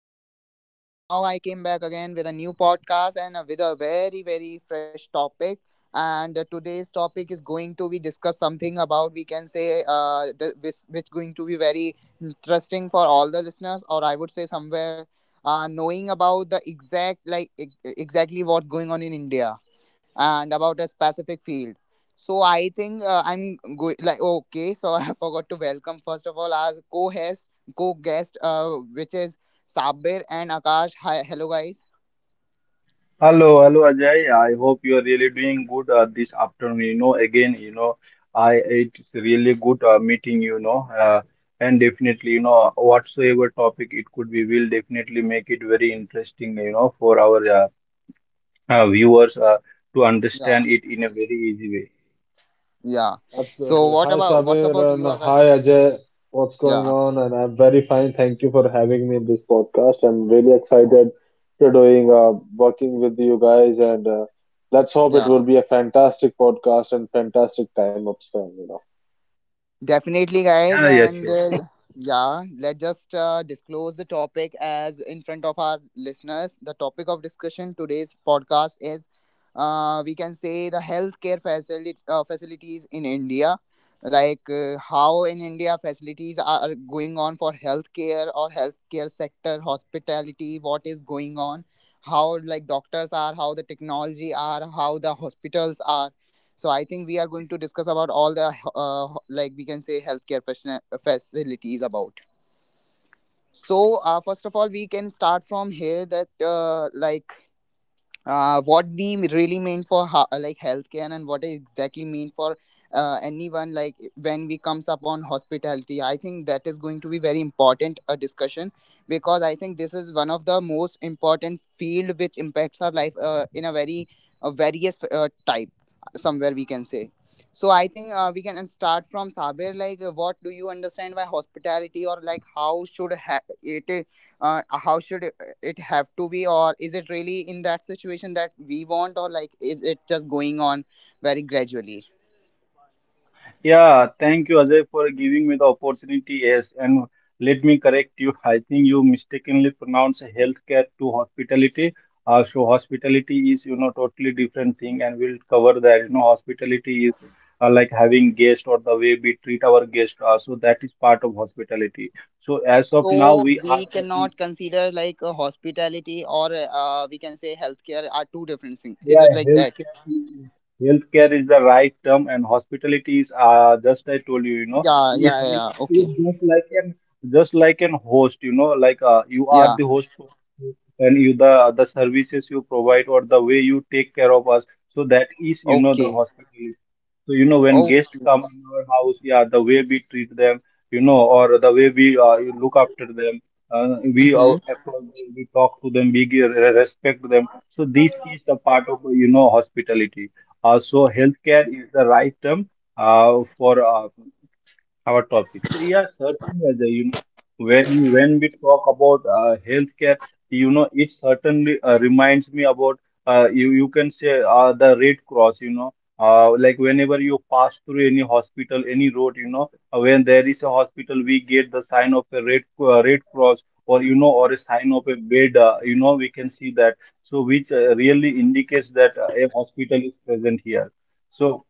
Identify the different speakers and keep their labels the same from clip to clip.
Speaker 1: this side, and now I came back again with a new podcast and with a very fresh topic. And today's topic is going to be discuss something about we can say which going to be very interesting for all the listeners, or I would say somewhere knowing about the exact like exactly what's going on in India and about a specific field. So I think I'm going like okay. So I forgot to welcome first of all our co-host, co-guest, which is Sabir and Akash. Hi, hello guys.
Speaker 2: Hello, hello Ajay. I hope you are really doing good this afternoon. You know, again, I it's really good meeting and definitely, you know, whatsoever topic it could be, we'll definitely make it very interesting, you know, for our viewers to
Speaker 1: Yeah,
Speaker 2: understand it in a very easy way.
Speaker 1: yeah. So
Speaker 3: Absolutely.
Speaker 1: what
Speaker 3: Hi,
Speaker 1: about what's
Speaker 3: Sabir,
Speaker 1: about
Speaker 3: and
Speaker 1: you,
Speaker 3: hi,
Speaker 1: Akash?
Speaker 3: Ajay. What's going
Speaker 1: Yeah,
Speaker 3: on? And I'm very fine. Thank you for having me in this podcast. I'm really excited to doing working with you guys, and let's hope it
Speaker 1: yeah.
Speaker 3: will be a fantastic podcast and fantastic time up spent, you know.
Speaker 2: Yeah, yes, sure.
Speaker 1: Definitely, guys, and yeah, let's just disclose the topic as in front of our listeners. The topic of discussion today's podcast is, we can say the healthcare facility facilities in India, like how in India facilities are going on for healthcare or healthcare sector, hospitality, what is going on, how like doctors are, how the technology are, how the hospitals are. So I think we are going to discuss about all the like we can say healthcare facilities about. So first of all, we can start from here that like what they really mean for like healthcare and what is exactly mean for anyone like when we comes upon hospitality. I think that is going to be very important a discussion because I think this is one of the most important field which impacts our life in a very various type, somewhere we can say. So I think we can start from Sabir like what do you understand by hospitality or like how should it how should it have to be, or is it really in that situation that we want, or like is it just going on very gradually?
Speaker 2: Yeah, thank you, Ajay, for giving me the opportunity. Yes, and let me correct you. I think you mistakenly pronounced healthcare to hospitality. So hospitality is, you know, totally different thing, and we'll cover that. You know, hospitality is like having guest or the way we treat our guest. So that is part of hospitality. So as of now,
Speaker 1: So
Speaker 2: we are
Speaker 1: we
Speaker 2: talking.
Speaker 1: cannot consider like a hospitality or we can say healthcare are two different things, is
Speaker 2: Yeah,
Speaker 1: it like that?
Speaker 2: healthcare, healthcare is the right term, and hospitality is just I told you, you know,
Speaker 1: yeah
Speaker 2: it's,
Speaker 1: yeah yeah
Speaker 2: it's
Speaker 1: yeah.
Speaker 2: it's
Speaker 1: Okay.
Speaker 2: just like an host, you know, like you are
Speaker 1: Yeah.
Speaker 2: the host, and you the services you provide or the way you take care of us, so that is, you know, the
Speaker 1: Okay.
Speaker 2: hospitality. So, you know, when
Speaker 1: Oh.
Speaker 2: guests come in our house, yeah, the way we treat them, you know, or the way we you look after them, we
Speaker 1: Mm-hmm.
Speaker 2: approach, them, we talk to them, we give, respect them. So this is the part of, you know, hospitality. So healthcare is the right term for our topic. So yeah, certainly, Ajay, you know, when we talk about healthcare, you know, it certainly reminds me about you can say the Red Cross. You know, like whenever you pass through any hospital, any road, you know, when there is a hospital, we get the sign of a Red Cross or you know, or a sign of a bed. You know, we can see that. So which really indicates that a hospital is present here. So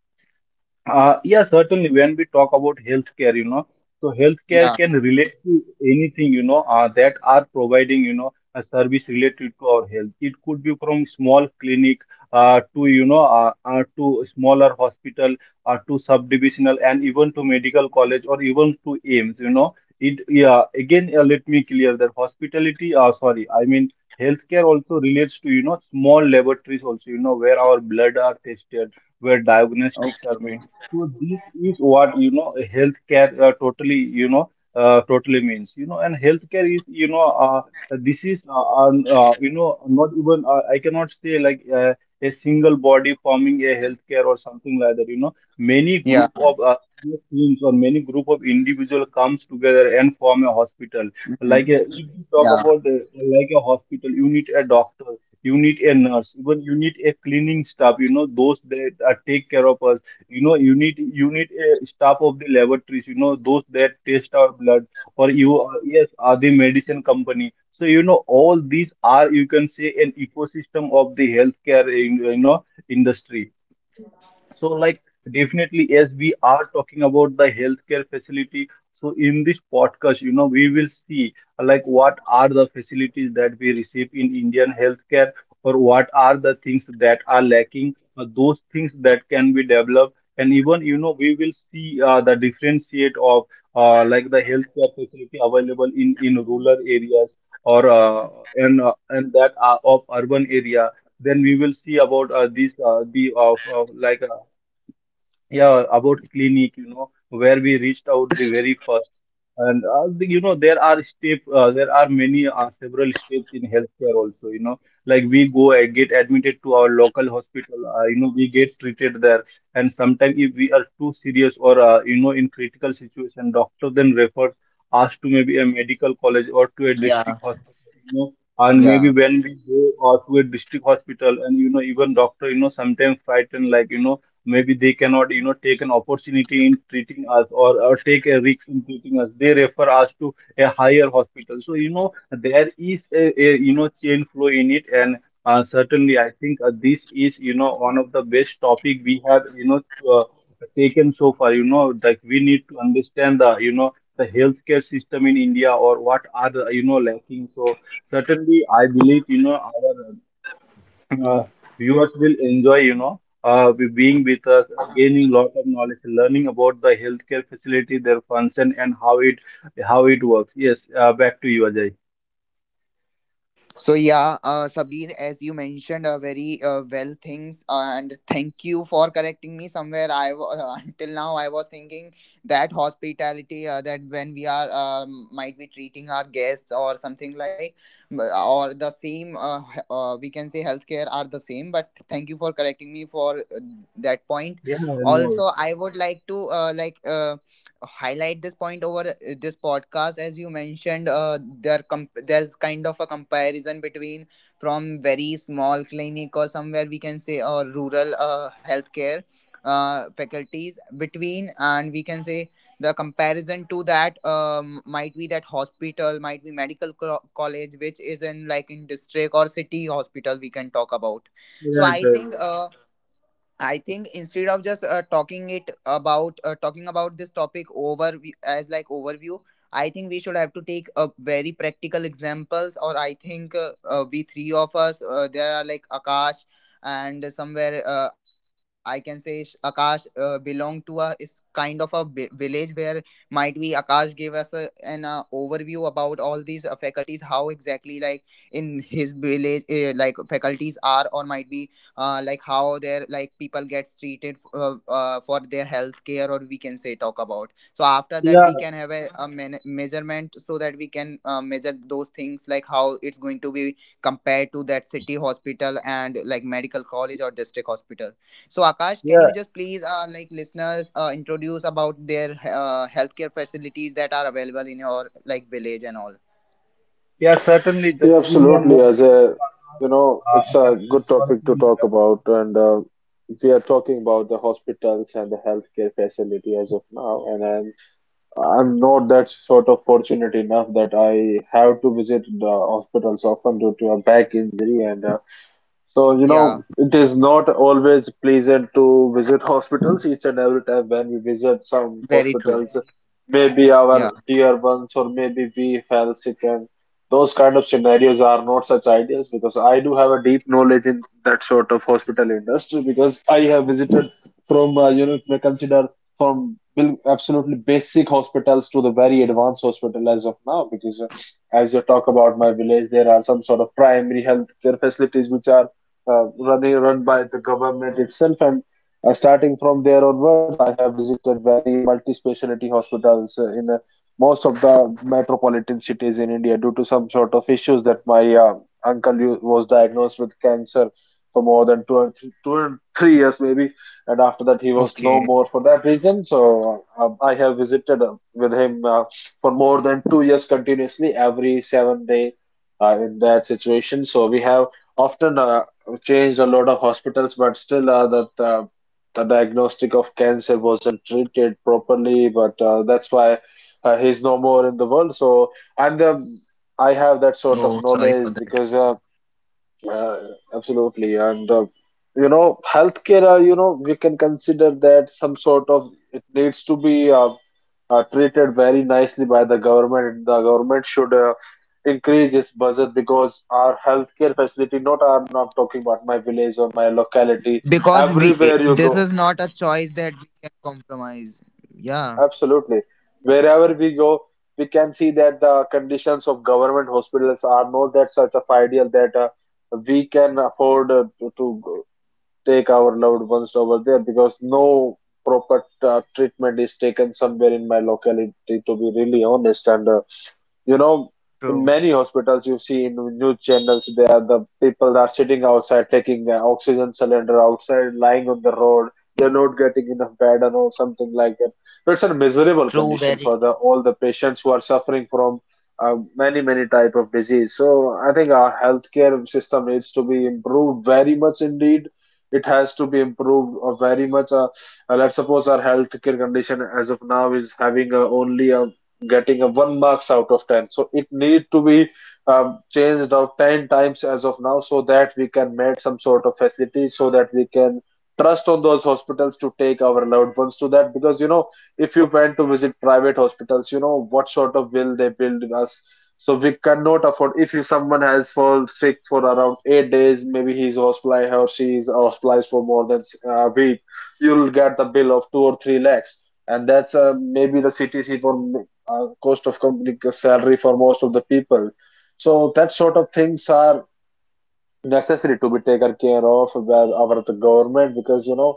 Speaker 2: yeah, certainly. When we talk about healthcare, you know, so healthcare
Speaker 1: Yeah.
Speaker 2: can relate to anything, you know, that are providing, you know, a service related to our health. It could be from small clinic to smaller hospital to subdivisional and even to medical college or even to AIMS, you know. It, yeah, again, let me clear that I mean, healthcare also relates to, you know, small laboratories also, you know, where our blood are tested, where diagnostics are
Speaker 1: Okay.
Speaker 2: made. So this is what you know healthcare totally means, you know. And healthcare is you know this is you know not even I cannot say like a single body forming a healthcare or something like that, you know. Many
Speaker 1: Yeah.
Speaker 2: group of teams or many group of individual comes together and form a hospital,
Speaker 1: Mhm.
Speaker 2: like if you
Speaker 1: Yeah.
Speaker 2: talk about like a hospital, you need a doctor, you need a nurse, even you need a cleaning staff, you know, those that take care of us, you know, you need a staff of the laboratories, you know, those that test our blood or you are, yes are the medicine company. So you know all these are you can say an ecosystem of the healthcare in, you know, industry. So, like, definitely, as we are talking about the healthcare facility, so in this podcast, you know, we will see like what are the facilities that we receive in Indian healthcare, or what are the things that are lacking, those things that can be developed, and even you know, we will see the differentiate of like the healthcare facility available in rural areas or and that of urban area. Then we will see about these the of like yeah, about clinic, you know, where we reached out the very first. And you know, there are there are many several steps in healthcare also. You know, like we go and get admitted to our local hospital. You know, we get treated there, and sometimes if we are too serious or you know in critical situation, doctor then refers us to maybe a medical college or to a
Speaker 1: Yeah.
Speaker 2: district hospital. You know, and
Speaker 1: Yeah.
Speaker 2: maybe when we go to a district hospital, and you know even doctor, you know sometimes frightened like you know maybe they cannot you know take an opportunity in treating us or take a risk in treating us, they refer us to a higher hospital. So you know there is a you know chain flow in it. And certainly I think this is you know one of the best topic we have you know uh, taken so far, you know. Like we need to understand the you know the healthcare system in India, or what are the you know lacking. So certainly I believe you know our uh, viewers will enjoy, you know, being with us, gaining lot of knowledge, learning about the healthcare facility, their function, and how it works. Yes, back to you, Ajay.
Speaker 1: So yeah, Sabir, as you mentioned, a very well things, and thank you for correcting me somewhere. Until now I was thinking that hospitality, that when we are might be treating our guests or something like, or the same, we can say healthcare are the same. But thank you for correcting me for that point.
Speaker 2: Yeah,
Speaker 1: Also
Speaker 2: no,
Speaker 1: I would like to like highlight this point over this podcast. As you mentioned there there's kind of a comparison between from very small clinic or somewhere we can say or rural healthcare faculties between, and we can say the comparison to that, might be that hospital, might be medical college which is in like in district or city hospital we can talk about. So
Speaker 2: right, right,
Speaker 1: I think
Speaker 2: right.
Speaker 1: I think instead of just talking it about talking about this topic over as like overview, I think we should have to take a very practical examples. Or I think we three of us there are like Akash, and somewhere I can say Akash belong to a is kind of a village where might be Akash gave us a, an overview about all these faculties, how exactly like in his village like faculties are or might be like how their like people gets treated for their health care, or we can say talk about. So after that
Speaker 2: Yeah,
Speaker 1: we can have a measurement, so that we can measure those things like how it's going to be compared to that city hospital and like medical college or district hospital. So Akash, can you
Speaker 2: yeah,
Speaker 1: just please like listeners introduce about their healthcare facilities that are available in your like village and all?
Speaker 2: yeah. Certainly, just
Speaker 3: Yeah,
Speaker 2: give me a
Speaker 3: absolutely.
Speaker 2: moment.
Speaker 3: Ajay, you know, it's a
Speaker 2: Akash
Speaker 3: good
Speaker 2: is sort of
Speaker 3: topic to talk
Speaker 2: interrupt.
Speaker 3: about, and we are talking about the hospitals and the healthcare facility as of now, and I'm not that sort of fortunate enough that I have to visit the hospitals often due to a back injury and so you know
Speaker 1: Yeah,
Speaker 3: it is not always pleasant to visit hospitals each and every time when we visit some
Speaker 1: very true.
Speaker 3: hospitals, maybe our
Speaker 1: Yeah.
Speaker 3: dear ones or maybe we fell sick, and those kind of scenarios are not such ideas because I do have a deep knowledge in that sort of hospital industry because I have visited from you know, you may consider from absolutely basic hospitals to the very advanced hospital as of now. Because as you talk about my village, there are some sort of primary health care facilities which are run by the government itself, and starting from there onwards, I have visited very multi-specialty hospitals in most of the metropolitan cities in India due to some sort of issues that my uncle was diagnosed with cancer for more than 2 and 3 years maybe, and after that he was no
Speaker 1: Okay.
Speaker 3: more for that reason. So I have visited with him for more than 2 years continuously every 7 day in that situation. So we have often changed a lot of hospitals, but still that the diagnostic of cancer wasn't treated properly. But that's why he's no more in the world. So i'm the I have that sort of
Speaker 1: Oh, sorry
Speaker 3: knowledge
Speaker 1: for that.
Speaker 3: because uh, absolutely. And, you know, healthcare, you know, we can consider that some sort of it needs to be treated very nicely by the government. And the government should increase its budget because our healthcare facility, not I'm not talking about my village or my
Speaker 1: Because we eh,
Speaker 3: locality,
Speaker 1: this is not a
Speaker 3: everywhere
Speaker 1: choice
Speaker 3: you
Speaker 1: that
Speaker 3: go,
Speaker 1: we can compromise. Yeah.
Speaker 3: absolutely. Wherever we go, we can see that the conditions of government hospitals are not that such of ideal that we can afford to go. Take our loved ones over there because no proper treatment is taken somewhere in my locality, to be really honest. And you know,
Speaker 1: True.
Speaker 3: in many hospitals you see in news channels, there are the people that are sitting outside, taking an oxygen cylinder outside, lying on the road. They're not getting enough bed and all, something like that. So it's a
Speaker 1: True,
Speaker 3: miserable
Speaker 1: very.
Speaker 3: condition for the all the patients who are suffering from many many type of disease. So I think our healthcare system needs to be improved very much indeed. It has to be improved or very much let's suppose our healthcare condition as of now is having only a one marks out of 10, so it need to be changed out 10 times as of now, so that we can make some sort of facility so that we can trust on those hospitals to take our loved ones to that. Because you know, if you went to visit private hospitals, you know what sort of bill they build us. So we cannot afford. If you, someone has fall sick for around 8 days, maybe he's hospitalized or she is hospitalized for more than a week, you'll get the bill of two or three lakhs, and that's maybe the CTC for cost of company salary for most of the people. So that sort of things are necessary to be taken care of by our the government. Because you know,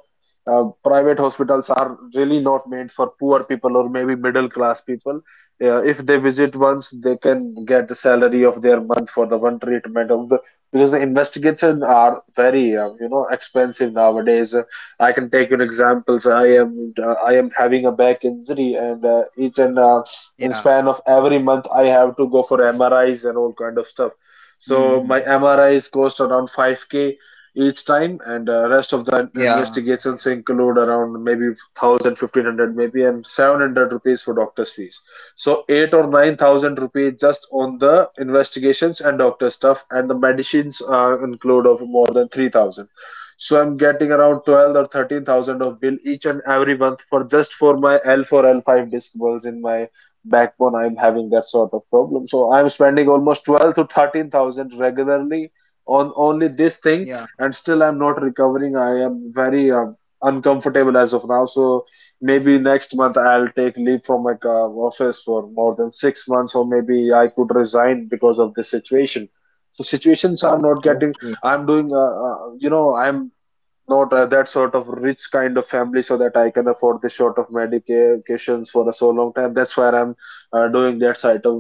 Speaker 3: private hospitals are really not meant for poor people or maybe middle class people. If they visit once, they can get the salary of their month for the one treatment of the, because the investigation are very you know, expensive nowadays. I can take an examples. I am having a back injury, and each and in
Speaker 1: Yeah.
Speaker 3: span of every month, I have to go for mris and all kind of stuff. So
Speaker 1: Hmm.
Speaker 3: my M R is cost around 5K each time, and rest of the
Speaker 1: Yeah.
Speaker 3: investigations include around maybe 1000 1500, maybe, and 700 rupees for doctor's fees. So eight or nine thousand rupees just on the investigations and doctor stuff, and the medicines include of more than 3,000. So I'm getting around twelve or thirteen thousand of bill each and every month, for just for my L4 L5 disc bulges in my backbone. I'm having that sort of problem, so I'm spending almost 12 to 13,000 regularly on only this
Speaker 1: Yeah.
Speaker 3: thing, and still I'm not recovering. I am very uncomfortable as of now. So maybe next month I'll take leave from my office for more than 6 months, or maybe I could resign because of this situation. So situations I'm not
Speaker 1: Okay.
Speaker 3: getting. I'm doing You know, I'm not that sort of rich kind of family so that I can afford this sort of medications for a so long time. That's why I'm doing that side of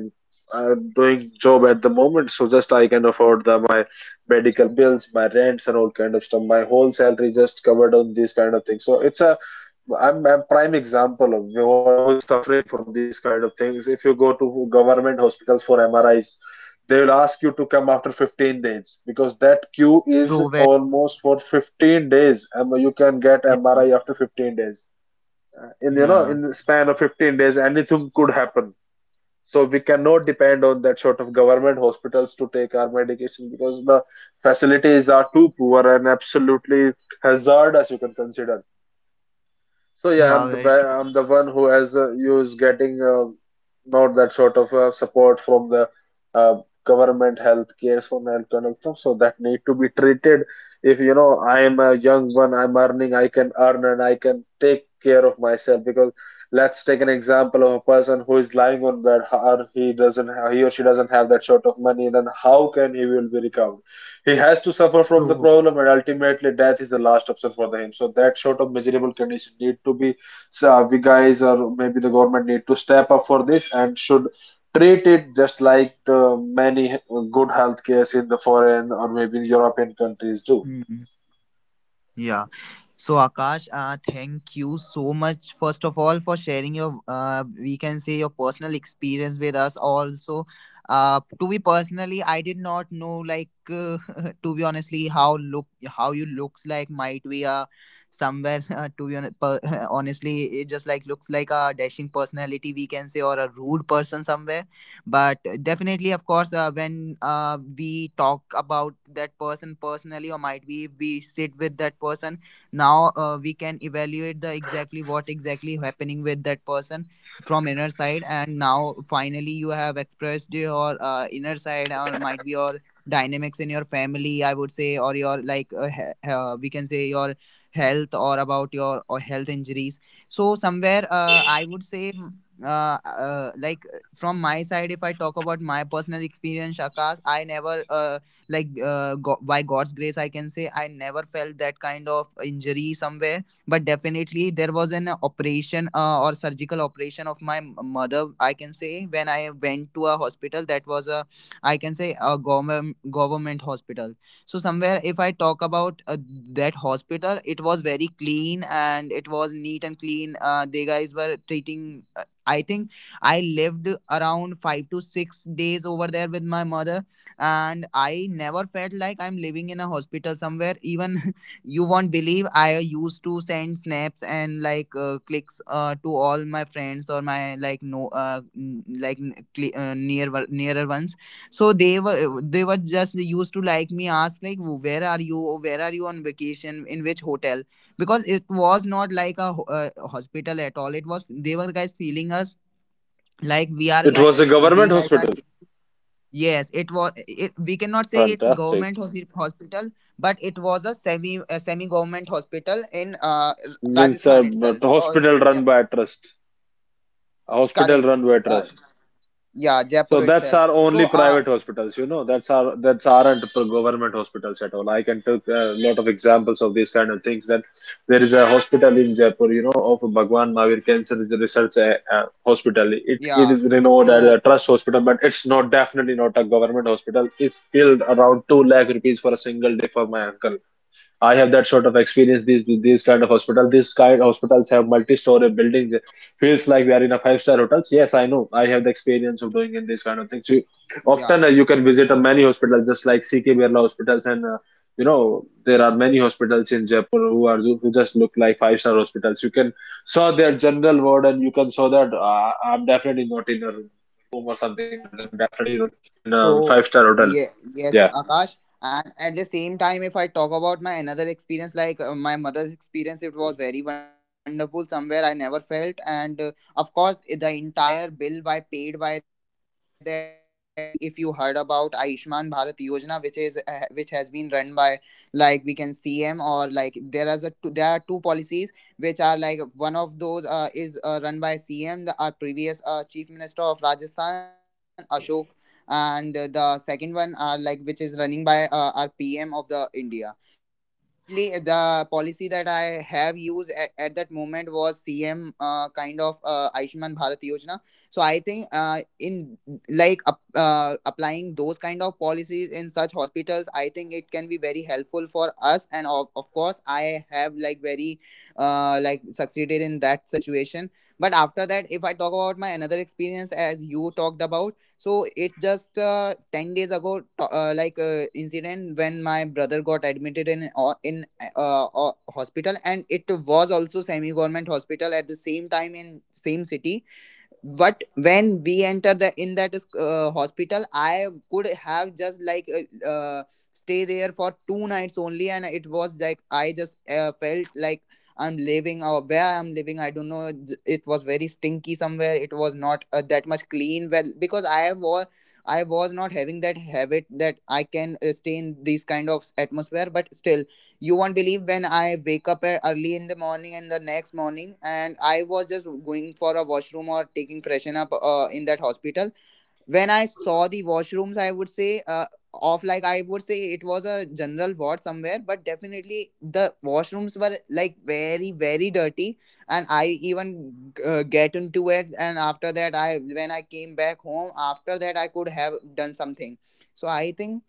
Speaker 3: doing job at the moment. So just I can afford my medical bills, my rents, and all kind of stuff. My whole salary just covered on these kind of things. So it's a, I'm a prime example of the one who's suffering from these kind of things. If you go to government hospitals for MRIs, they will ask you to come after 15 days because that queue is
Speaker 1: True, very.
Speaker 3: almost for 15 days. You can get
Speaker 1: Yeah.
Speaker 3: MRI after 15 days. In you know,
Speaker 1: Yeah.
Speaker 3: in the span of 15 days, anything could happen. So we cannot depend on that sort of government hospitals to take our medication because the facilities are too poor and absolutely hazardous, you can consider. So yeah, I'm
Speaker 1: Yeah,
Speaker 3: the
Speaker 1: very true.
Speaker 3: I'm the one who has who's getting not that sort of support from the uh, government healthcare, from health conductor. So so that need to be treated. If you know, I'm a young one, I'm earning, I can earn and I can take care of myself. Because let's take an example of a person who is lying on bed, or he or she doesn't have that sort of money. Then how can he will be recovered? He has to suffer from the
Speaker 1: True.
Speaker 3: problem, and ultimately, death is the last option for the him. So that sort of miserable condition need to be, so, we guys or maybe the government need to step up for this and should treat it just like the many good health cares in the foreign or maybe European countries do.
Speaker 1: Mm-hmm. Yeah. So Akash, thank you so much first of all for sharing your we can say your personal experience with us. Also, to be personally, I did not know like to be honestly how look how you looks like, might be somewhere to be honest, honestly it just like looks like a dashing personality we can say or a rude person somewhere. But definitely of course when we talk about that person personally or might be we sit with that person, now we can evaluate the exactly what exactly happening with that person from inner side. And now finally you have expressed your inner side, or might be your dynamics in your family I would say, or your like we can say your health or about your or health injuries. So somewhere I would say like from my side, if I talk about my personal experience, Akash, I never like by God's grace, I can say I never felt that kind of injury somewhere. But definitely, there was an operation or surgical operation of my mother. I can say when I went to a hospital, that was a, I can say, a government hospital. So somewhere, if I talk about that hospital, it was very clean and it was neat and clean. They guys were treating. Uh, I think I lived around 5 to 6 days over there with my mother, and I never felt like I'm living in a hospital somewhere. Even you won't believe I used to send snaps and like clicks to all my friends or my like no n- like n- cli near nearer ones. So they were just used to like me ask like where are you, where are you on vacation, in which hotel, because it was not like a hospital at all. It was they were guys feeling us like we are
Speaker 3: It
Speaker 1: guy
Speaker 3: was a
Speaker 1: we
Speaker 3: government
Speaker 1: guys are,
Speaker 3: hospital.
Speaker 1: yes it was, it, we cannot say it's
Speaker 3: Fantastic.
Speaker 1: government hospital, but it was a semi government hospital in
Speaker 3: Means
Speaker 1: Rajasthan itself,
Speaker 3: a
Speaker 1: or
Speaker 3: hospital run
Speaker 1: Jap-
Speaker 3: by a trust. A hospital
Speaker 1: correct,
Speaker 3: run by a
Speaker 1: uh,
Speaker 3: trust.
Speaker 1: yeah,
Speaker 3: So
Speaker 1: Jaipur
Speaker 3: that's
Speaker 1: itself.
Speaker 3: our only
Speaker 1: So uh,
Speaker 3: private hospitals, you know. That's our that's aren't government hospitals at all. I can take a lot of examples of these kind of things. That there is a hospital in Jaipur, you know, of Bhagwan Mahavir Cancer Research Hospital. It
Speaker 1: yeah.
Speaker 3: is renowned as
Speaker 1: So
Speaker 3: a trust hospital, but it's not, definitely not a government hospital. It's billed around two lakh rupees for a single day for my uncle. I have that sort of experience. These kind of hospital, these kind hospitals have multi-story buildings. Feels like we are in a five-star hotels. Yes, I know, I have the experience of doing in these kind of things. You,
Speaker 1: yeah.
Speaker 3: often you can visit a many hospitals, just like CK Birla hospitals, and you know, there are many hospitals in Jaipur who are who just look like five-star hospitals. You can saw their general ward, and you can saw that I'm definitely not in a room or something like that. I'm definitely not in a
Speaker 1: So
Speaker 3: five-star hotel.
Speaker 1: yeah, yes,
Speaker 3: Yeah.
Speaker 1: Akash. And at the same time, if I talk about my another experience, like my mother's experience, it was very wonderful. Somewhere I never felt, and of course, the entire bill by paid by that policy. If you heard about Ayushman Bharat Yojana, which is which has been run by like we can CM, or like there is a two, there are two policies which are like one of those is run by CM, the our previous Chief Minister of Rajasthan, Ashok, and the second one are like which is running by our PM of the India. But definitely the policy that I have used at that moment was CM kind of Ayushman Bharat Yojana. So I think in like applying those kind of policies in such hospitals, I think it can be very helpful for us, and of course I have like very like succeeded in that situation. But after that, if I talk about my another experience as you talked about, so it's just 10 days ago, like incident when my brother got admitted in in hospital, and it was also semi-government hospital at the same time in same city. But when we enter the in that hospital, I could have just like stay there for two nights only, and it was like I just felt like I'm living or where I'm living, I don't know, it was very stinky somewhere, it was not that much clean well, because I was, I was not having that habit that I can stay in these kind of atmosphere. But still you won't believe when I wake up early in the morning and the next morning, and I was just going for a washroom or taking freshen up in that hospital. When I saw the washrooms, I would say off like I would say it was a general ward somewhere, but definitely the washrooms were like very dirty, and I even get into it. And after that, I when I came back home, after that I could have done something. So I think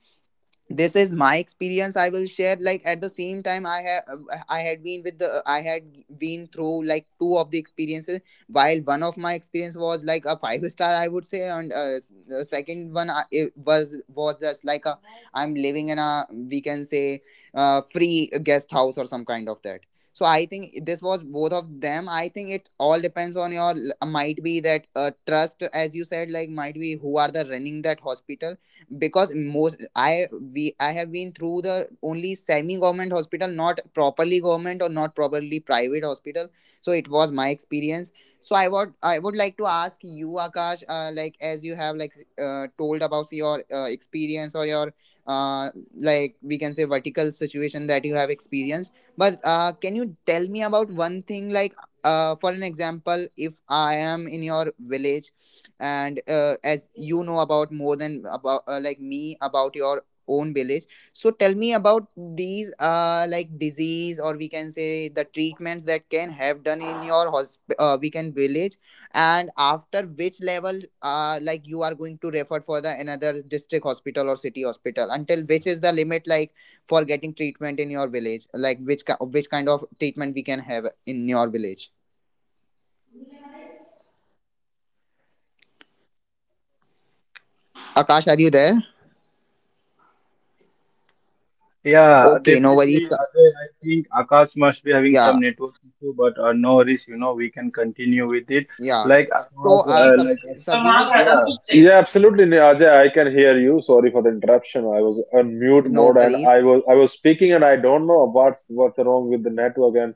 Speaker 1: this is my experience I will share. Like at the same time I have, I had been with the I had been through like two of the experiences, while one of my experience was like a five star I would say, and the second one I, it was just like a I'm living in a we can say free guest house or some kind of that. So I think this was both of them. I think it all depends on your, might be that trust as you said, like might be who are the running that hospital, because most I we I have been through the only semi government hospital, not properly government or not properly private hospital. So it was my experience. So I would, I would like to ask you Akash, like as you have like told about your experience or your uh, like we can say vertical situation that you have experienced. But can you tell me about one thing, like for an example, if I am in your village, and as you know about more than about like me about your own village, so tell me about these like disease, or we can say the treatments that can have done in your we can village, and after which level like you are going to refer for the another district hospital or city hospital, until which is the limit, like for getting treatment in your village, like which which kind of treatment we can have in your village. Akash, are you there?
Speaker 2: Yeah,
Speaker 1: Okay, no
Speaker 2: definitely.
Speaker 1: worries.
Speaker 2: Ajay, I think Akash must be having some
Speaker 1: Yeah.
Speaker 2: network issue, but no worries. You know, we can continue with it.
Speaker 1: Yeah.
Speaker 2: Like Akash,
Speaker 1: So, Sabir,
Speaker 2: yeah.
Speaker 3: Yeah, absolutely, Ajay. I can hear you. Sorry for the interruption. I was on mute
Speaker 1: no
Speaker 3: mode, and
Speaker 1: worries,
Speaker 3: I was speaking, and I don't know what's wrong with the network, and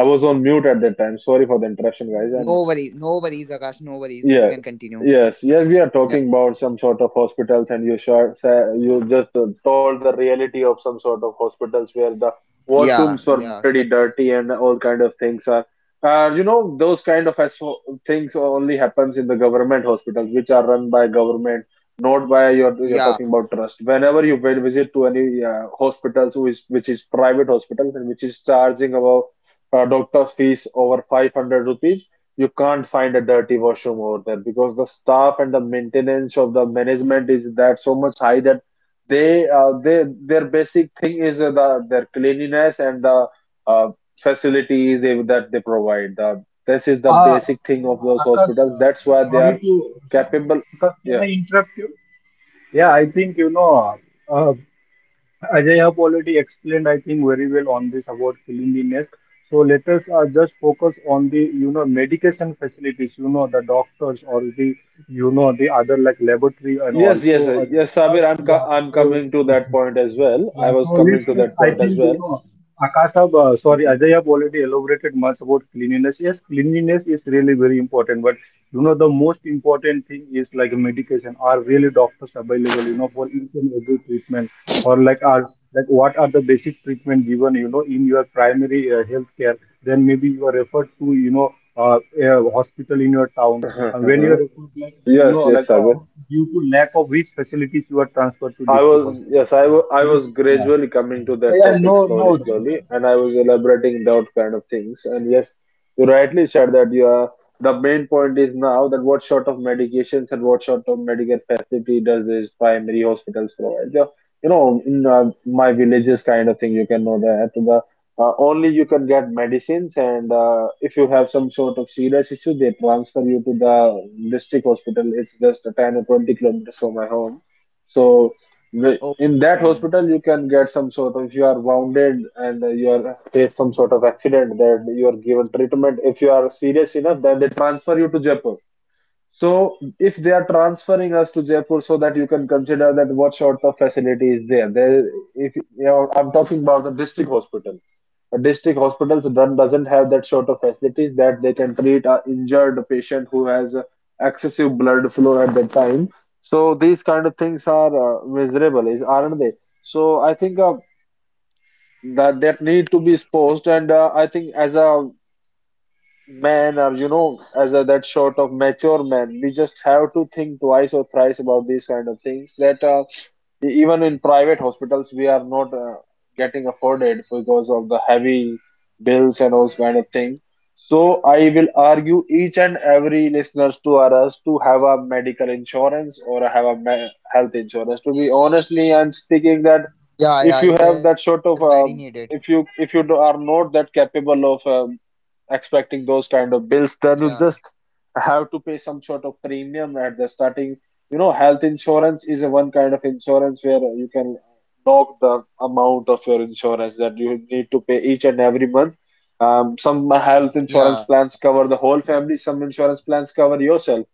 Speaker 3: I was on mute at that time. Sorry for the interruption, guys.
Speaker 1: no
Speaker 3: And
Speaker 1: worries, no worries, Akash, no worries. You
Speaker 3: yeah,
Speaker 1: can continue.
Speaker 3: yes, yeah, we are
Speaker 1: Yeah,
Speaker 3: talking about some sort of hospitals, and you sure you just told the reality of some sort of hospitals where the
Speaker 1: yeah,
Speaker 3: washrooms were
Speaker 1: yeah,
Speaker 3: pretty dirty and all kind of things are. You know, those kind of things only happens in the government hospitals, which are run by government, not by your, you're
Speaker 1: yeah.
Speaker 3: talking about trust. Whenever you will visit to any hospitals which is private hospitals and which is charging about doctor fees over 500 rupees. You can't find a dirty washroom over there because the staff and the maintenance of the management is that so much high that they their basic thing is their cleanliness and the uh, facilities that they provide. This is the
Speaker 2: Uh,
Speaker 3: basic thing of those
Speaker 2: Akash,
Speaker 3: hospitals. That's why they are
Speaker 2: sorry to
Speaker 3: capable.
Speaker 2: Akash, can
Speaker 3: Yeah.
Speaker 2: I interrupt you? Yeah, I think you know, uh, as I have already explained, I think very well on this about cleanliness. So let us just focus on the you know medication facilities. You know the doctors or the you know the other like laboratory and
Speaker 3: Yes, yes,
Speaker 2: also.
Speaker 3: yes, Sabir.
Speaker 2: Yeah,
Speaker 3: I'm
Speaker 2: so
Speaker 3: coming to that point as well. I
Speaker 2: yeah,
Speaker 3: was
Speaker 2: so
Speaker 3: coming to
Speaker 2: let's
Speaker 3: that
Speaker 2: I
Speaker 3: point as
Speaker 2: think you
Speaker 3: well.
Speaker 2: know.
Speaker 3: Mhm.
Speaker 2: Ajay have already elaborated much about cleanliness. Yes, cleanliness is really very important, but you know the most important thing is like medication are really doctors available you know for each and every treatment, or like are like what are the basic treatment given you know in your primary health care. Then maybe you are referred to you know a hospital in your town, and when you are referred like you
Speaker 3: Yes,
Speaker 2: know
Speaker 3: yes,
Speaker 2: like
Speaker 3: Sabir.
Speaker 2: due to lack of which facilities you are transferred to district hospital.
Speaker 3: Yes, I
Speaker 2: Yes,
Speaker 3: was
Speaker 2: yeah.
Speaker 3: gradually coming to that
Speaker 2: Yeah
Speaker 3: topic
Speaker 2: no
Speaker 3: slowly,
Speaker 2: no it's not.
Speaker 3: slowly, and I was elaborating that kind of things. And yes, you rightly said that you are. The main point is now that what sort of medications and what sort of medical facility does this primary hospitals provide? Yeah. You know, in my villages kind of thing, you can know that only you can get medicines, and if you have some sort of serious issue, they transfer you to the district hospital. It's just 10 or 20 kilometers from my home. So in that
Speaker 1: Okay.
Speaker 3: hospital you can get some sort of if you are wounded and you are face some sort of accident that you are given treatment. If you are serious enough then they transfer you to Jaipur. So if they are transferring us to Jaipur, so that you can consider that what sort of facility is there. There, if you know, I'm talking about the district hospital. A district hospital done doesn't have that sort of facilities that they can treat a injured patient who has excessive blood flow at that time. So these kind of things are miserable, is aren't they? So I think that that need to be exposed, and I think as a men are you know as a, that sort of mature men we just have to think twice or thrice about these kind of things that even in private hospitals we are not getting afforded because of the heavy bills and those kind of things. So I will argue each and every listeners to us to have a medical insurance or have a health insurance. To be honestly I'm speaking that
Speaker 1: Yeah, yeah. It
Speaker 3: if you
Speaker 1: is
Speaker 3: have
Speaker 1: very
Speaker 3: that sort
Speaker 1: needed.
Speaker 3: of if you are not that capable of expecting those kind of
Speaker 1: Yeah,
Speaker 3: bills, then you just have to pay some sort of premium at the starting. You know, health insurance is a one kind of insurance where you can knock the amount of your insurance that you need to pay each and every month. Some health
Speaker 1: yeah,
Speaker 3: insurance plans cover the whole family, some insurance plans cover yourself.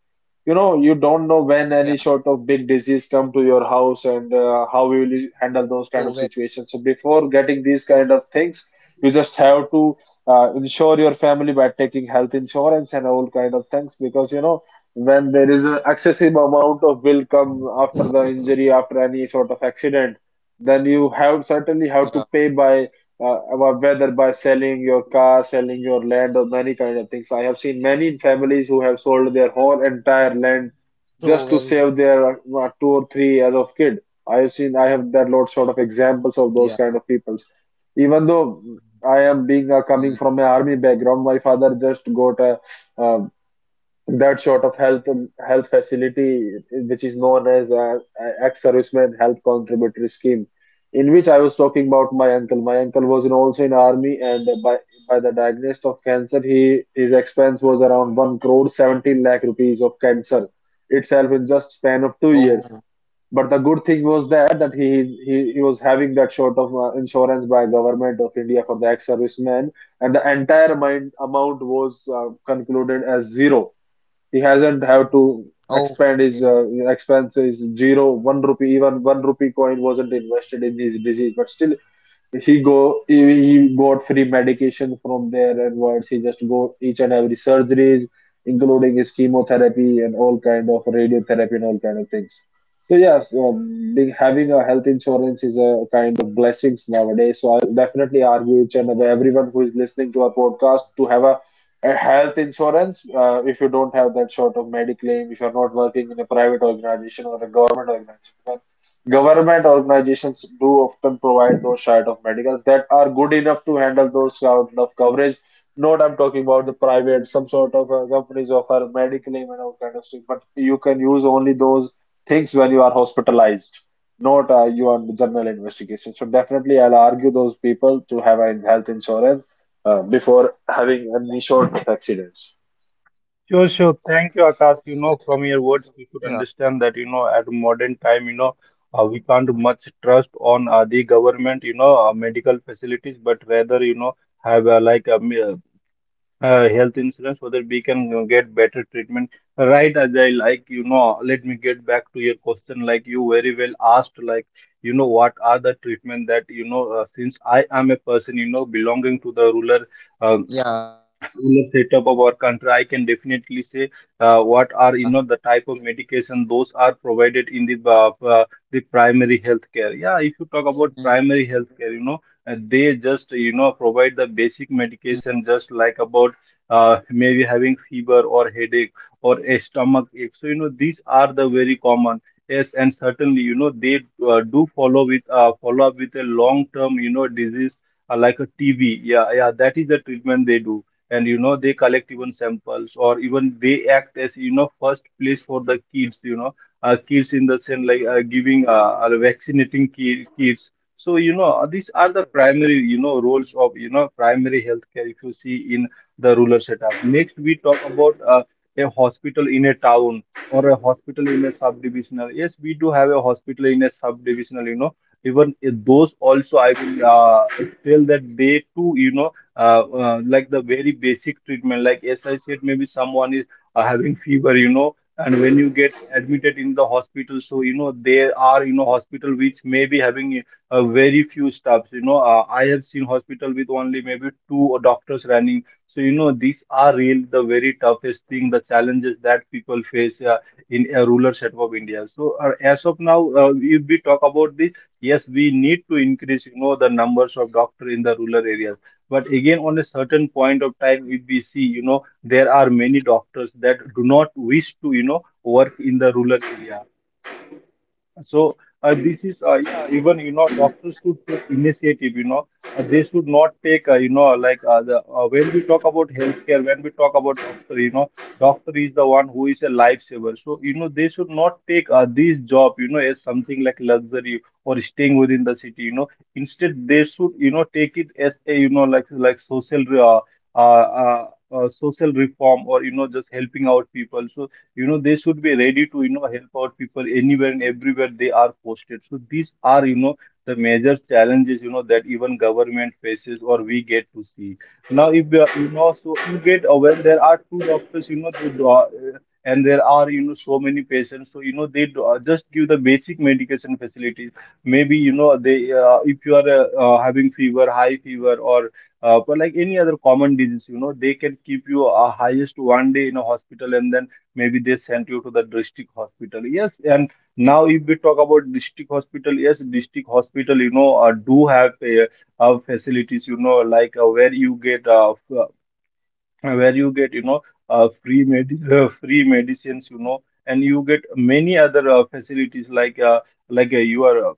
Speaker 3: You know, you don't know
Speaker 1: yeah.
Speaker 3: when any sort of big disease come to your house, and how you will handle
Speaker 1: So
Speaker 3: those
Speaker 1: very.
Speaker 3: kind of situations. So before getting these kind of things, you just have to insure your family by taking health insurance and all kind of things, because you know when there is an excessive amount of bill come after the injury, after any sort of accident, then you have certainly
Speaker 1: Yeah.
Speaker 3: have to pay by about whether by selling your car, selling your land, or many kind of things. I have seen many families who have sold their whole entire land
Speaker 1: So very.
Speaker 3: just to save their 2 or 3 years of kid. I have seen, I have that lot sort
Speaker 1: Yeah.
Speaker 3: of examples of those kind of people. Even though
Speaker 1: Mm.
Speaker 3: I am being coming from an army background, my father just got uh that sort of health facility, which is known as ex-serviceman health contributory scheme, in which I was talking about my uncle. My uncle was in, also in army, and by the diagnosis of cancer, he his expense was around one crore 17 lakh rupees of cancer itself in just span of two
Speaker 1: Oh.
Speaker 3: years. But the good thing was that he was having that sort of insurance by government of India for the ex-serviceman, and the entire amount was concluded as zero. He hasn't have to
Speaker 1: Okay.
Speaker 3: expand his expenses zero one rupee. Even one rupee coin wasn't invested in his disease, but still he go he, he got free medication from there and onwards. He just go each and every surgeries, including his chemotherapy and all kind of radiotherapy and all kind of things. So yes, having a health insurance is a kind of blessings nowadays. So I'll definitely argue everyone who is listening to our podcast to have a health insurance if you don't have that sort of mediclaim, if you're not working in a private organization or a government organization. Government organizations do often provide those side of medicals that are good enough to handle those kind of coverage. Not I'm talking about the private, some sort of companies offer medical and all kind of stuff, but you can use only those things when you are hospitalized, not you are in general investigation. So definitely, I'll argue those people to have a health insurance before having any sort of accidents.
Speaker 2: Sure, sure. Thank you,
Speaker 1: So
Speaker 2: Akash. You know, from your words,
Speaker 1: yeah,
Speaker 2: we could understand that, you know, at modern time, you know, we can't much trust on the government, you know, medical facilities, but rather, you know, have like a health insurance so that we can you get better treatment. Right, Ajay, like, you know, let me get back to your question. Like you very well asked, like, you know, what are the treatment that, you know, since I am a person, you know, belonging to the rural um,
Speaker 1: yeah.
Speaker 2: the setup of our country, I can definitely say what are you know the type of medication those are provided in the primary health care. Yeah, if you talk about primary health
Speaker 1: Mm.
Speaker 2: care, you know they just you know provide the basic medication, just like about maybe having fever or headache or a stomach ache. So you know these are the very common. Yes, and certainly you know they do follow with follow up with a long term you know disease like a TB. Yeah, yeah, that is the treatment they do. And you know they collect even samples or even they act as you know first place for the kids, you know, kids in the sense like
Speaker 1: Yeah.
Speaker 2: giving vaccinating kids. So you know these are the primary you know roles of you know primary healthcare if you see in the rural setup. Next we talk about a hospital in a town or a hospital in a subdivisional. Yes we do have a hospital in a subdivisional, you know. Even if those also I will tell that they too you know like the very basic treatment. Like as I said, maybe someone is having fever, you know, and when you get admitted in the hospital, so you know there are you know hospital which may be having very few staffs. You know, I have seen hospital with only maybe two doctors running. So you know these are real the very toughest thing, the challenges that people face in a rural setup of India. So as of now, if we talk about this, yes, we need to increase the numbers of doctor in the rural areas. But again, on a certain point of time, if we see, there are many doctors that do not wish to work in the rural areas. So
Speaker 1: Yeah.
Speaker 2: this is, yeah, even doctors should take initiative. They should not take like, the when we talk about healthcare, when we talk about doctor, doctor is the one who is a lifesaver. So they should not take this job as something like luxury or staying within the city. Instead they should
Speaker 1: Yeah.
Speaker 2: take it as a, like social. Uh, uh, social reform, or just helping out people. So they should be ready to help out people anywhere and everywhere they are posted. So these are, the major challenges, that even government faces or we get to see. Now if so you get aware there are two doctors, they do, and there are, so many patients, so they do, just give the basic medication facilities. Maybe they, if you are, having fever, high fever, or but like any other common disease, they can keep you highest one day in a hospital, and then maybe they sent you to the district hospital, yes. And now if we talk about district hospital, yes, district hospital, do have, facilities, like, where you get, where you get, free medicine, free medicines, and you get many other facilities, like, you are,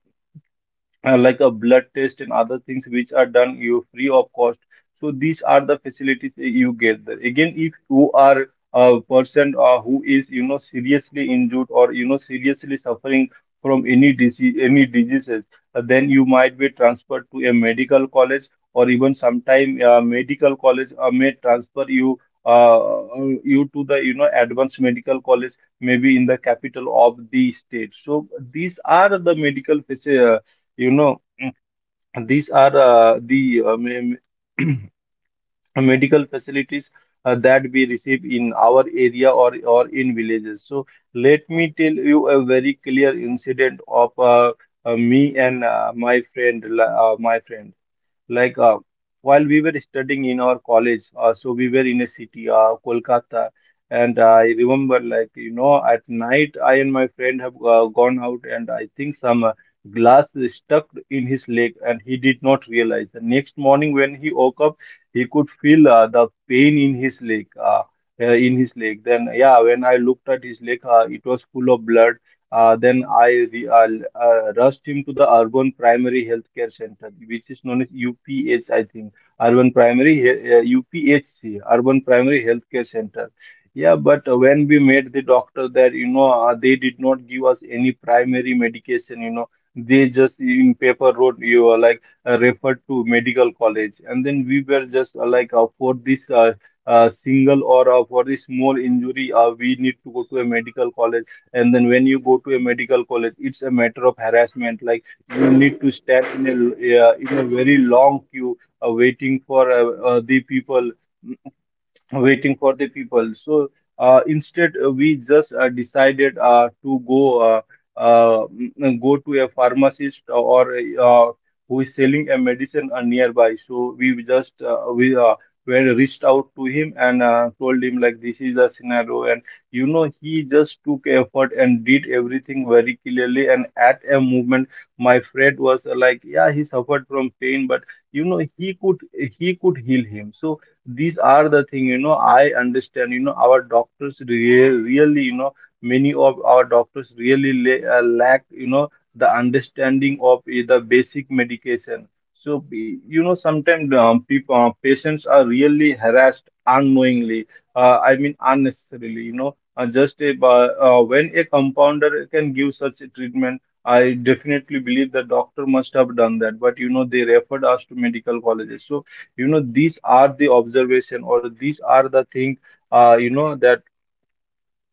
Speaker 2: like a blood test and other things, which are done you free of cost. So these are the facilities that you get there. Again, if you are a person who is, seriously injured, or seriously suffering from any disease, any diseases, then you might be transferred to a medical college, or even sometime medical college may transfer you, you to the, advanced medical college, maybe in the capital of the state. So these are the medical facilities, you know,
Speaker 1: Yeah, very accurate.
Speaker 2: these are,
Speaker 1: Somewhere we can
Speaker 2: the,
Speaker 1: say,
Speaker 2: me-
Speaker 1: Sabir,
Speaker 2: medical
Speaker 1: definitely. And
Speaker 2: facilities
Speaker 1: thank
Speaker 2: that
Speaker 1: you,
Speaker 2: we receive
Speaker 1: Akash.
Speaker 2: in our area,
Speaker 1: Hope so.
Speaker 2: or in
Speaker 1: Like
Speaker 2: villages.
Speaker 1: you
Speaker 2: So
Speaker 1: have,
Speaker 2: let me tell
Speaker 1: whatever
Speaker 2: you
Speaker 1: you
Speaker 2: a
Speaker 1: have
Speaker 2: very
Speaker 1: given
Speaker 2: clear
Speaker 1: us,
Speaker 2: incident of,
Speaker 1: the reason
Speaker 2: me
Speaker 1: or
Speaker 2: and
Speaker 1: the point
Speaker 2: my
Speaker 1: you have
Speaker 2: friend,
Speaker 1: told
Speaker 2: my
Speaker 1: all the
Speaker 2: friend,
Speaker 1: listeners.
Speaker 2: like,
Speaker 1: So it's going
Speaker 2: while
Speaker 1: to
Speaker 2: we
Speaker 1: be
Speaker 2: were
Speaker 1: very
Speaker 2: studying
Speaker 1: helpful
Speaker 2: in
Speaker 1: for
Speaker 2: our
Speaker 1: all the
Speaker 2: college.
Speaker 1: listeners
Speaker 2: So
Speaker 1: to
Speaker 2: we
Speaker 1: be
Speaker 2: were in
Speaker 1: heard.
Speaker 2: a city, Kolkata, and I remember, like, at night, I and my friend have gone out, and I think some glass is stuck in his leg, and he did not realize. The next morning when he woke up, he could feel the pain in his leg, in his leg. Then yeah, when I looked at his leg, it was full of blood. Then rushed him to the Urban Primary Healthcare Center, which is known as UPH, I think. Urban Primary, UPHC, Urban Primary Healthcare Center. Yeah, but when we met the doctor there, you know, they did not give us any primary medication, you know. They just in paper wrote you are, like, referred to medical college, and then we were just, like, for this, single, or, for this small injury, we need to go to a medical college. And then when you go to a medical college, it's a matter of harassment. Like, you need to stand in a, in a very long queue, waiting for, the people, waiting for the people. So, instead, we just decided, to go, go to a pharmacist, or who is selling a medicine nearby. So we just, we were reached out to him, and told him like this is the scenario, and, he just took effort and did everything very clearly. And at a moment, my friend was, like, yeah, he suffered from pain, but, he could, he could heal him. So these are the thing, I understand, our doctors really, really, many of our doctors really lack, the understanding of the basic medication. So sometimes people, patients are really harassed unknowingly, I mean unnecessarily, just a, when a compounder can give such a treatment, I definitely believe the doctor must have done that, but, they referred us to medical colleges. So, these are the observation, or these are the thing, that,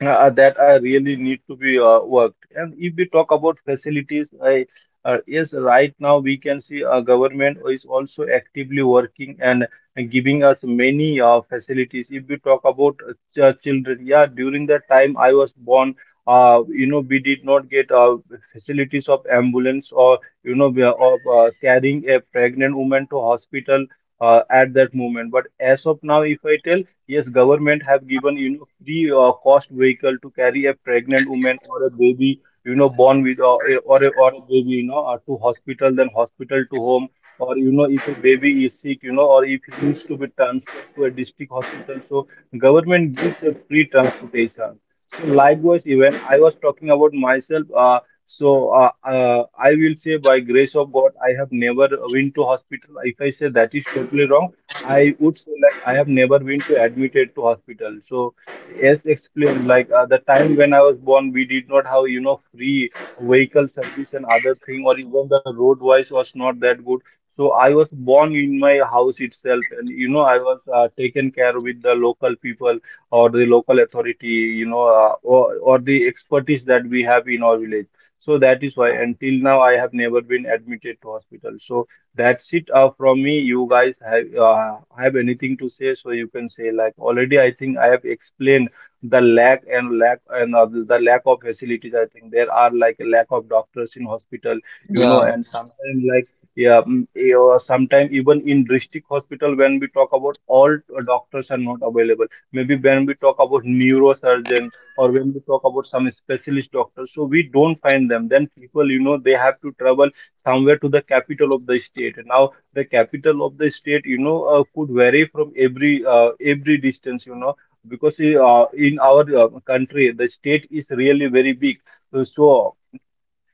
Speaker 2: that I really need to be, worked. And if we talk about facilities, I, yes, right now we can see government is also actively working and giving us many facilities. If we talk about children, yeah, during the time I was born, you know, we did not get facilities of ambulance, or, we are of, carrying a pregnant woman to hospital at that moment. But as of now, if I tell, yes, government have given, free cost vehicle to carry a pregnant woman or a baby, born with, or a baby, to hospital, then hospital to home, or, if a baby is sick, or if he needs to be transferred to a district hospital. So government gives a free transportation. So likewise, even I was talking about myself. I will say by grace of God I have never been to hospital. If I say that, is totally wrong. I would say like I have never been to admitted to hospital. So as explained, like, the time when I was born, we did not have, free vehicle service and other thing, or even the road wise was not that good. So I was born in my house itself, and, I was, taken care with the local people or the local authority, you know, or the expertise that we have in our village. So that is why until now I have never been admitted to hospital. So that's it, from me. You guys have, have anything to say? So you can say like already. I think I have explained the lack, and lack and the lack of facilities. I think there are like a lack of doctors in hospital, you know,
Speaker 4: Yeah,
Speaker 2: and sometimes like, yeah, or sometimes even in district hospital when we talk about all, doctors are not available. Maybe when we talk about neurosurgeon, or when we talk about some specialist doctors, so we don't find them. Then people, you know, they have to travel somewhere to the capital of the state. Now the capital of the state, you know, could vary from, every distance, you know, because, in our country, the state is really very big. So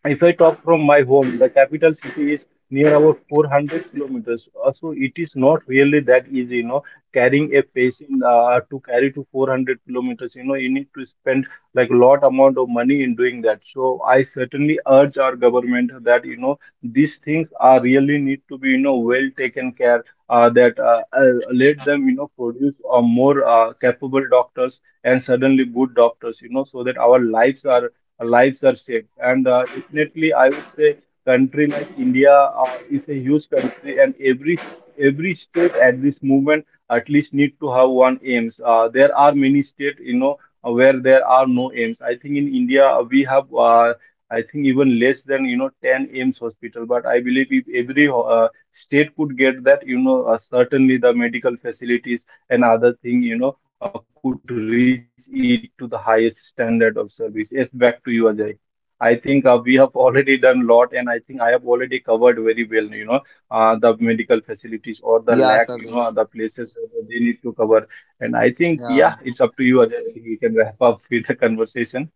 Speaker 2: if I talk from my home, the capital city is near about 400 kilometers. So it is not really that easy, you know, carrying a patient, to carry to 400 kilometers. You know, you need to spend like a lot amount of money in doing that. So I certainly urge our government that, you know, these things are really need to be, you know, well taken care, that, let them, you know, produce, more capable doctors and suddenly good doctors, you know, so that our lives are, lives are saved. And, definitely, I would say country like India is a huge country, and every state at this movement at least need to have one aims. There are many states, you know, where there are no aims. I think in India, we have. I think even less than, 10 AIMS hospital, but I believe if every, state could get that, you know, certainly the medical facilities and other thing, you know, could reach it to the highest standard of service. Yes, back to you, Ajay. I think, we have already done a lot, and I think I have already covered very well, you know, the medical facilities or the lack, you
Speaker 4: yeah,
Speaker 2: know, the
Speaker 4: Sabir.
Speaker 2: places that they need to cover. And I think, yeah,
Speaker 4: Yeah,
Speaker 2: it's up to you, Ajay. We can wrap up with the conversation.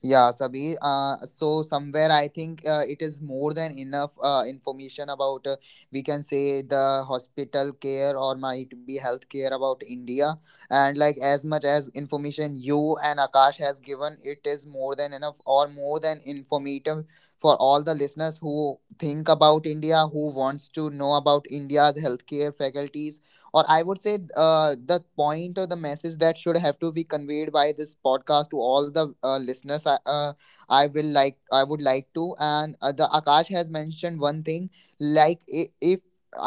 Speaker 4: so somewhere I think it is more than enough information about we can say the hospital care or might be healthcare about India, and like as much as information you and Akash has given, it is more than enough or more than informative for all the listeners who think about India, who wants to know about India's healthcare faculties or I would say the point or the message that should have to be conveyed by this podcast to all the listeners. I will like I would like to and the Akash has mentioned one thing. If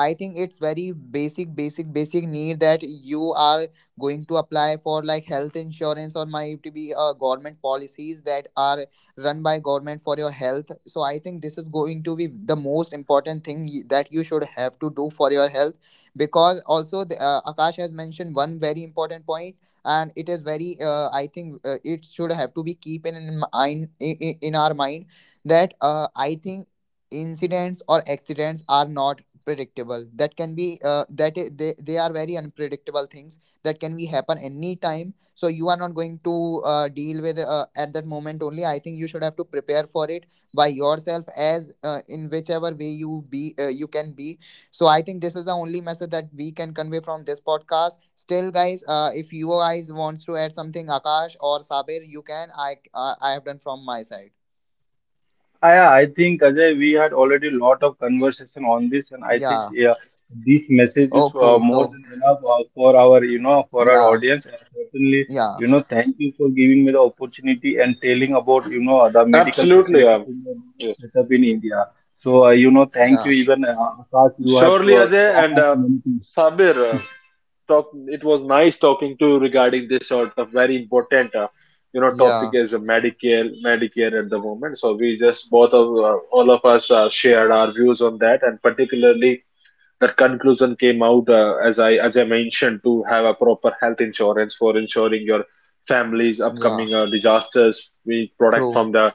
Speaker 4: I think it's very basic need that you are going to apply for like health insurance or might be government policies that are run by government for your health, so I think this is going to be the most important thing that you should have to do for your health, because also Akash has mentioned one very important point, and it is very I think it should have to be keeping in our mind that I think incidents or accidents are not predictable, that can be they are very unpredictable things that can be happen any time. So you are not going to deal with at that moment only. I think you should have to prepare for it by yourself as in whichever way you be you can be. So I think this is the only message that we can convey from this podcast. Still, guys, if you guys wants to add something, Akash or Sabir, you can. I have done from my side.
Speaker 2: Yeah, I think Ajay, we had already a lot of conversation on this, and I think
Speaker 4: Yeah.
Speaker 2: yeah, this message is,
Speaker 4: Okay.
Speaker 2: more
Speaker 4: So
Speaker 2: than enough, for our, you know, for our
Speaker 4: yeah,
Speaker 2: audience. And certainly,
Speaker 4: yeah,
Speaker 2: you know, thank you for giving me the opportunity and telling about, you know, the medical
Speaker 3: Absolutely,
Speaker 2: facilities in the
Speaker 3: yes.
Speaker 2: set up in India. So, you know, thank
Speaker 4: yeah,
Speaker 2: you. Even, Akash, you have
Speaker 3: Surely,
Speaker 2: to,
Speaker 3: Ajay
Speaker 2: talk
Speaker 3: and
Speaker 2: of many things.
Speaker 3: Sabir. Talk It was nice talking to you regarding this sort of very important topic
Speaker 4: yeah,
Speaker 3: as a medicare at the moment. So we just both of all of us shared our views on that, and particularly that conclusion came out as I mentioned, to have a proper health insurance for ensuring your family's
Speaker 4: yeah.
Speaker 3: upcoming disasters we protect
Speaker 4: True.
Speaker 3: from the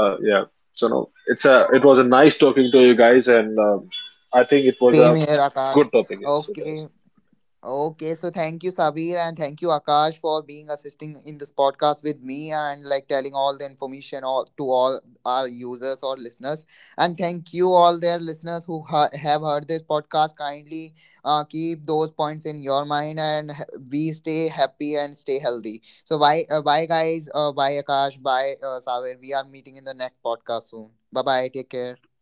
Speaker 3: yeah. So no, it was a nice talking to you guys. And I think it was a
Speaker 4: Same here, Akash.
Speaker 3: good topic. Yes it is.
Speaker 4: Okay. Okay, so thank you, Sabir, and thank you, Akash, for being assisting in this podcast with me and like telling all the information all, to all our users or listeners. And thank you, all their listeners who have heard this podcast. Kindly keep those points in your mind, and we stay happy and stay healthy. So bye, bye, guys. Bye, Akash. Bye, Sabir. We are meeting in the next podcast soon. Bye, bye. Take care.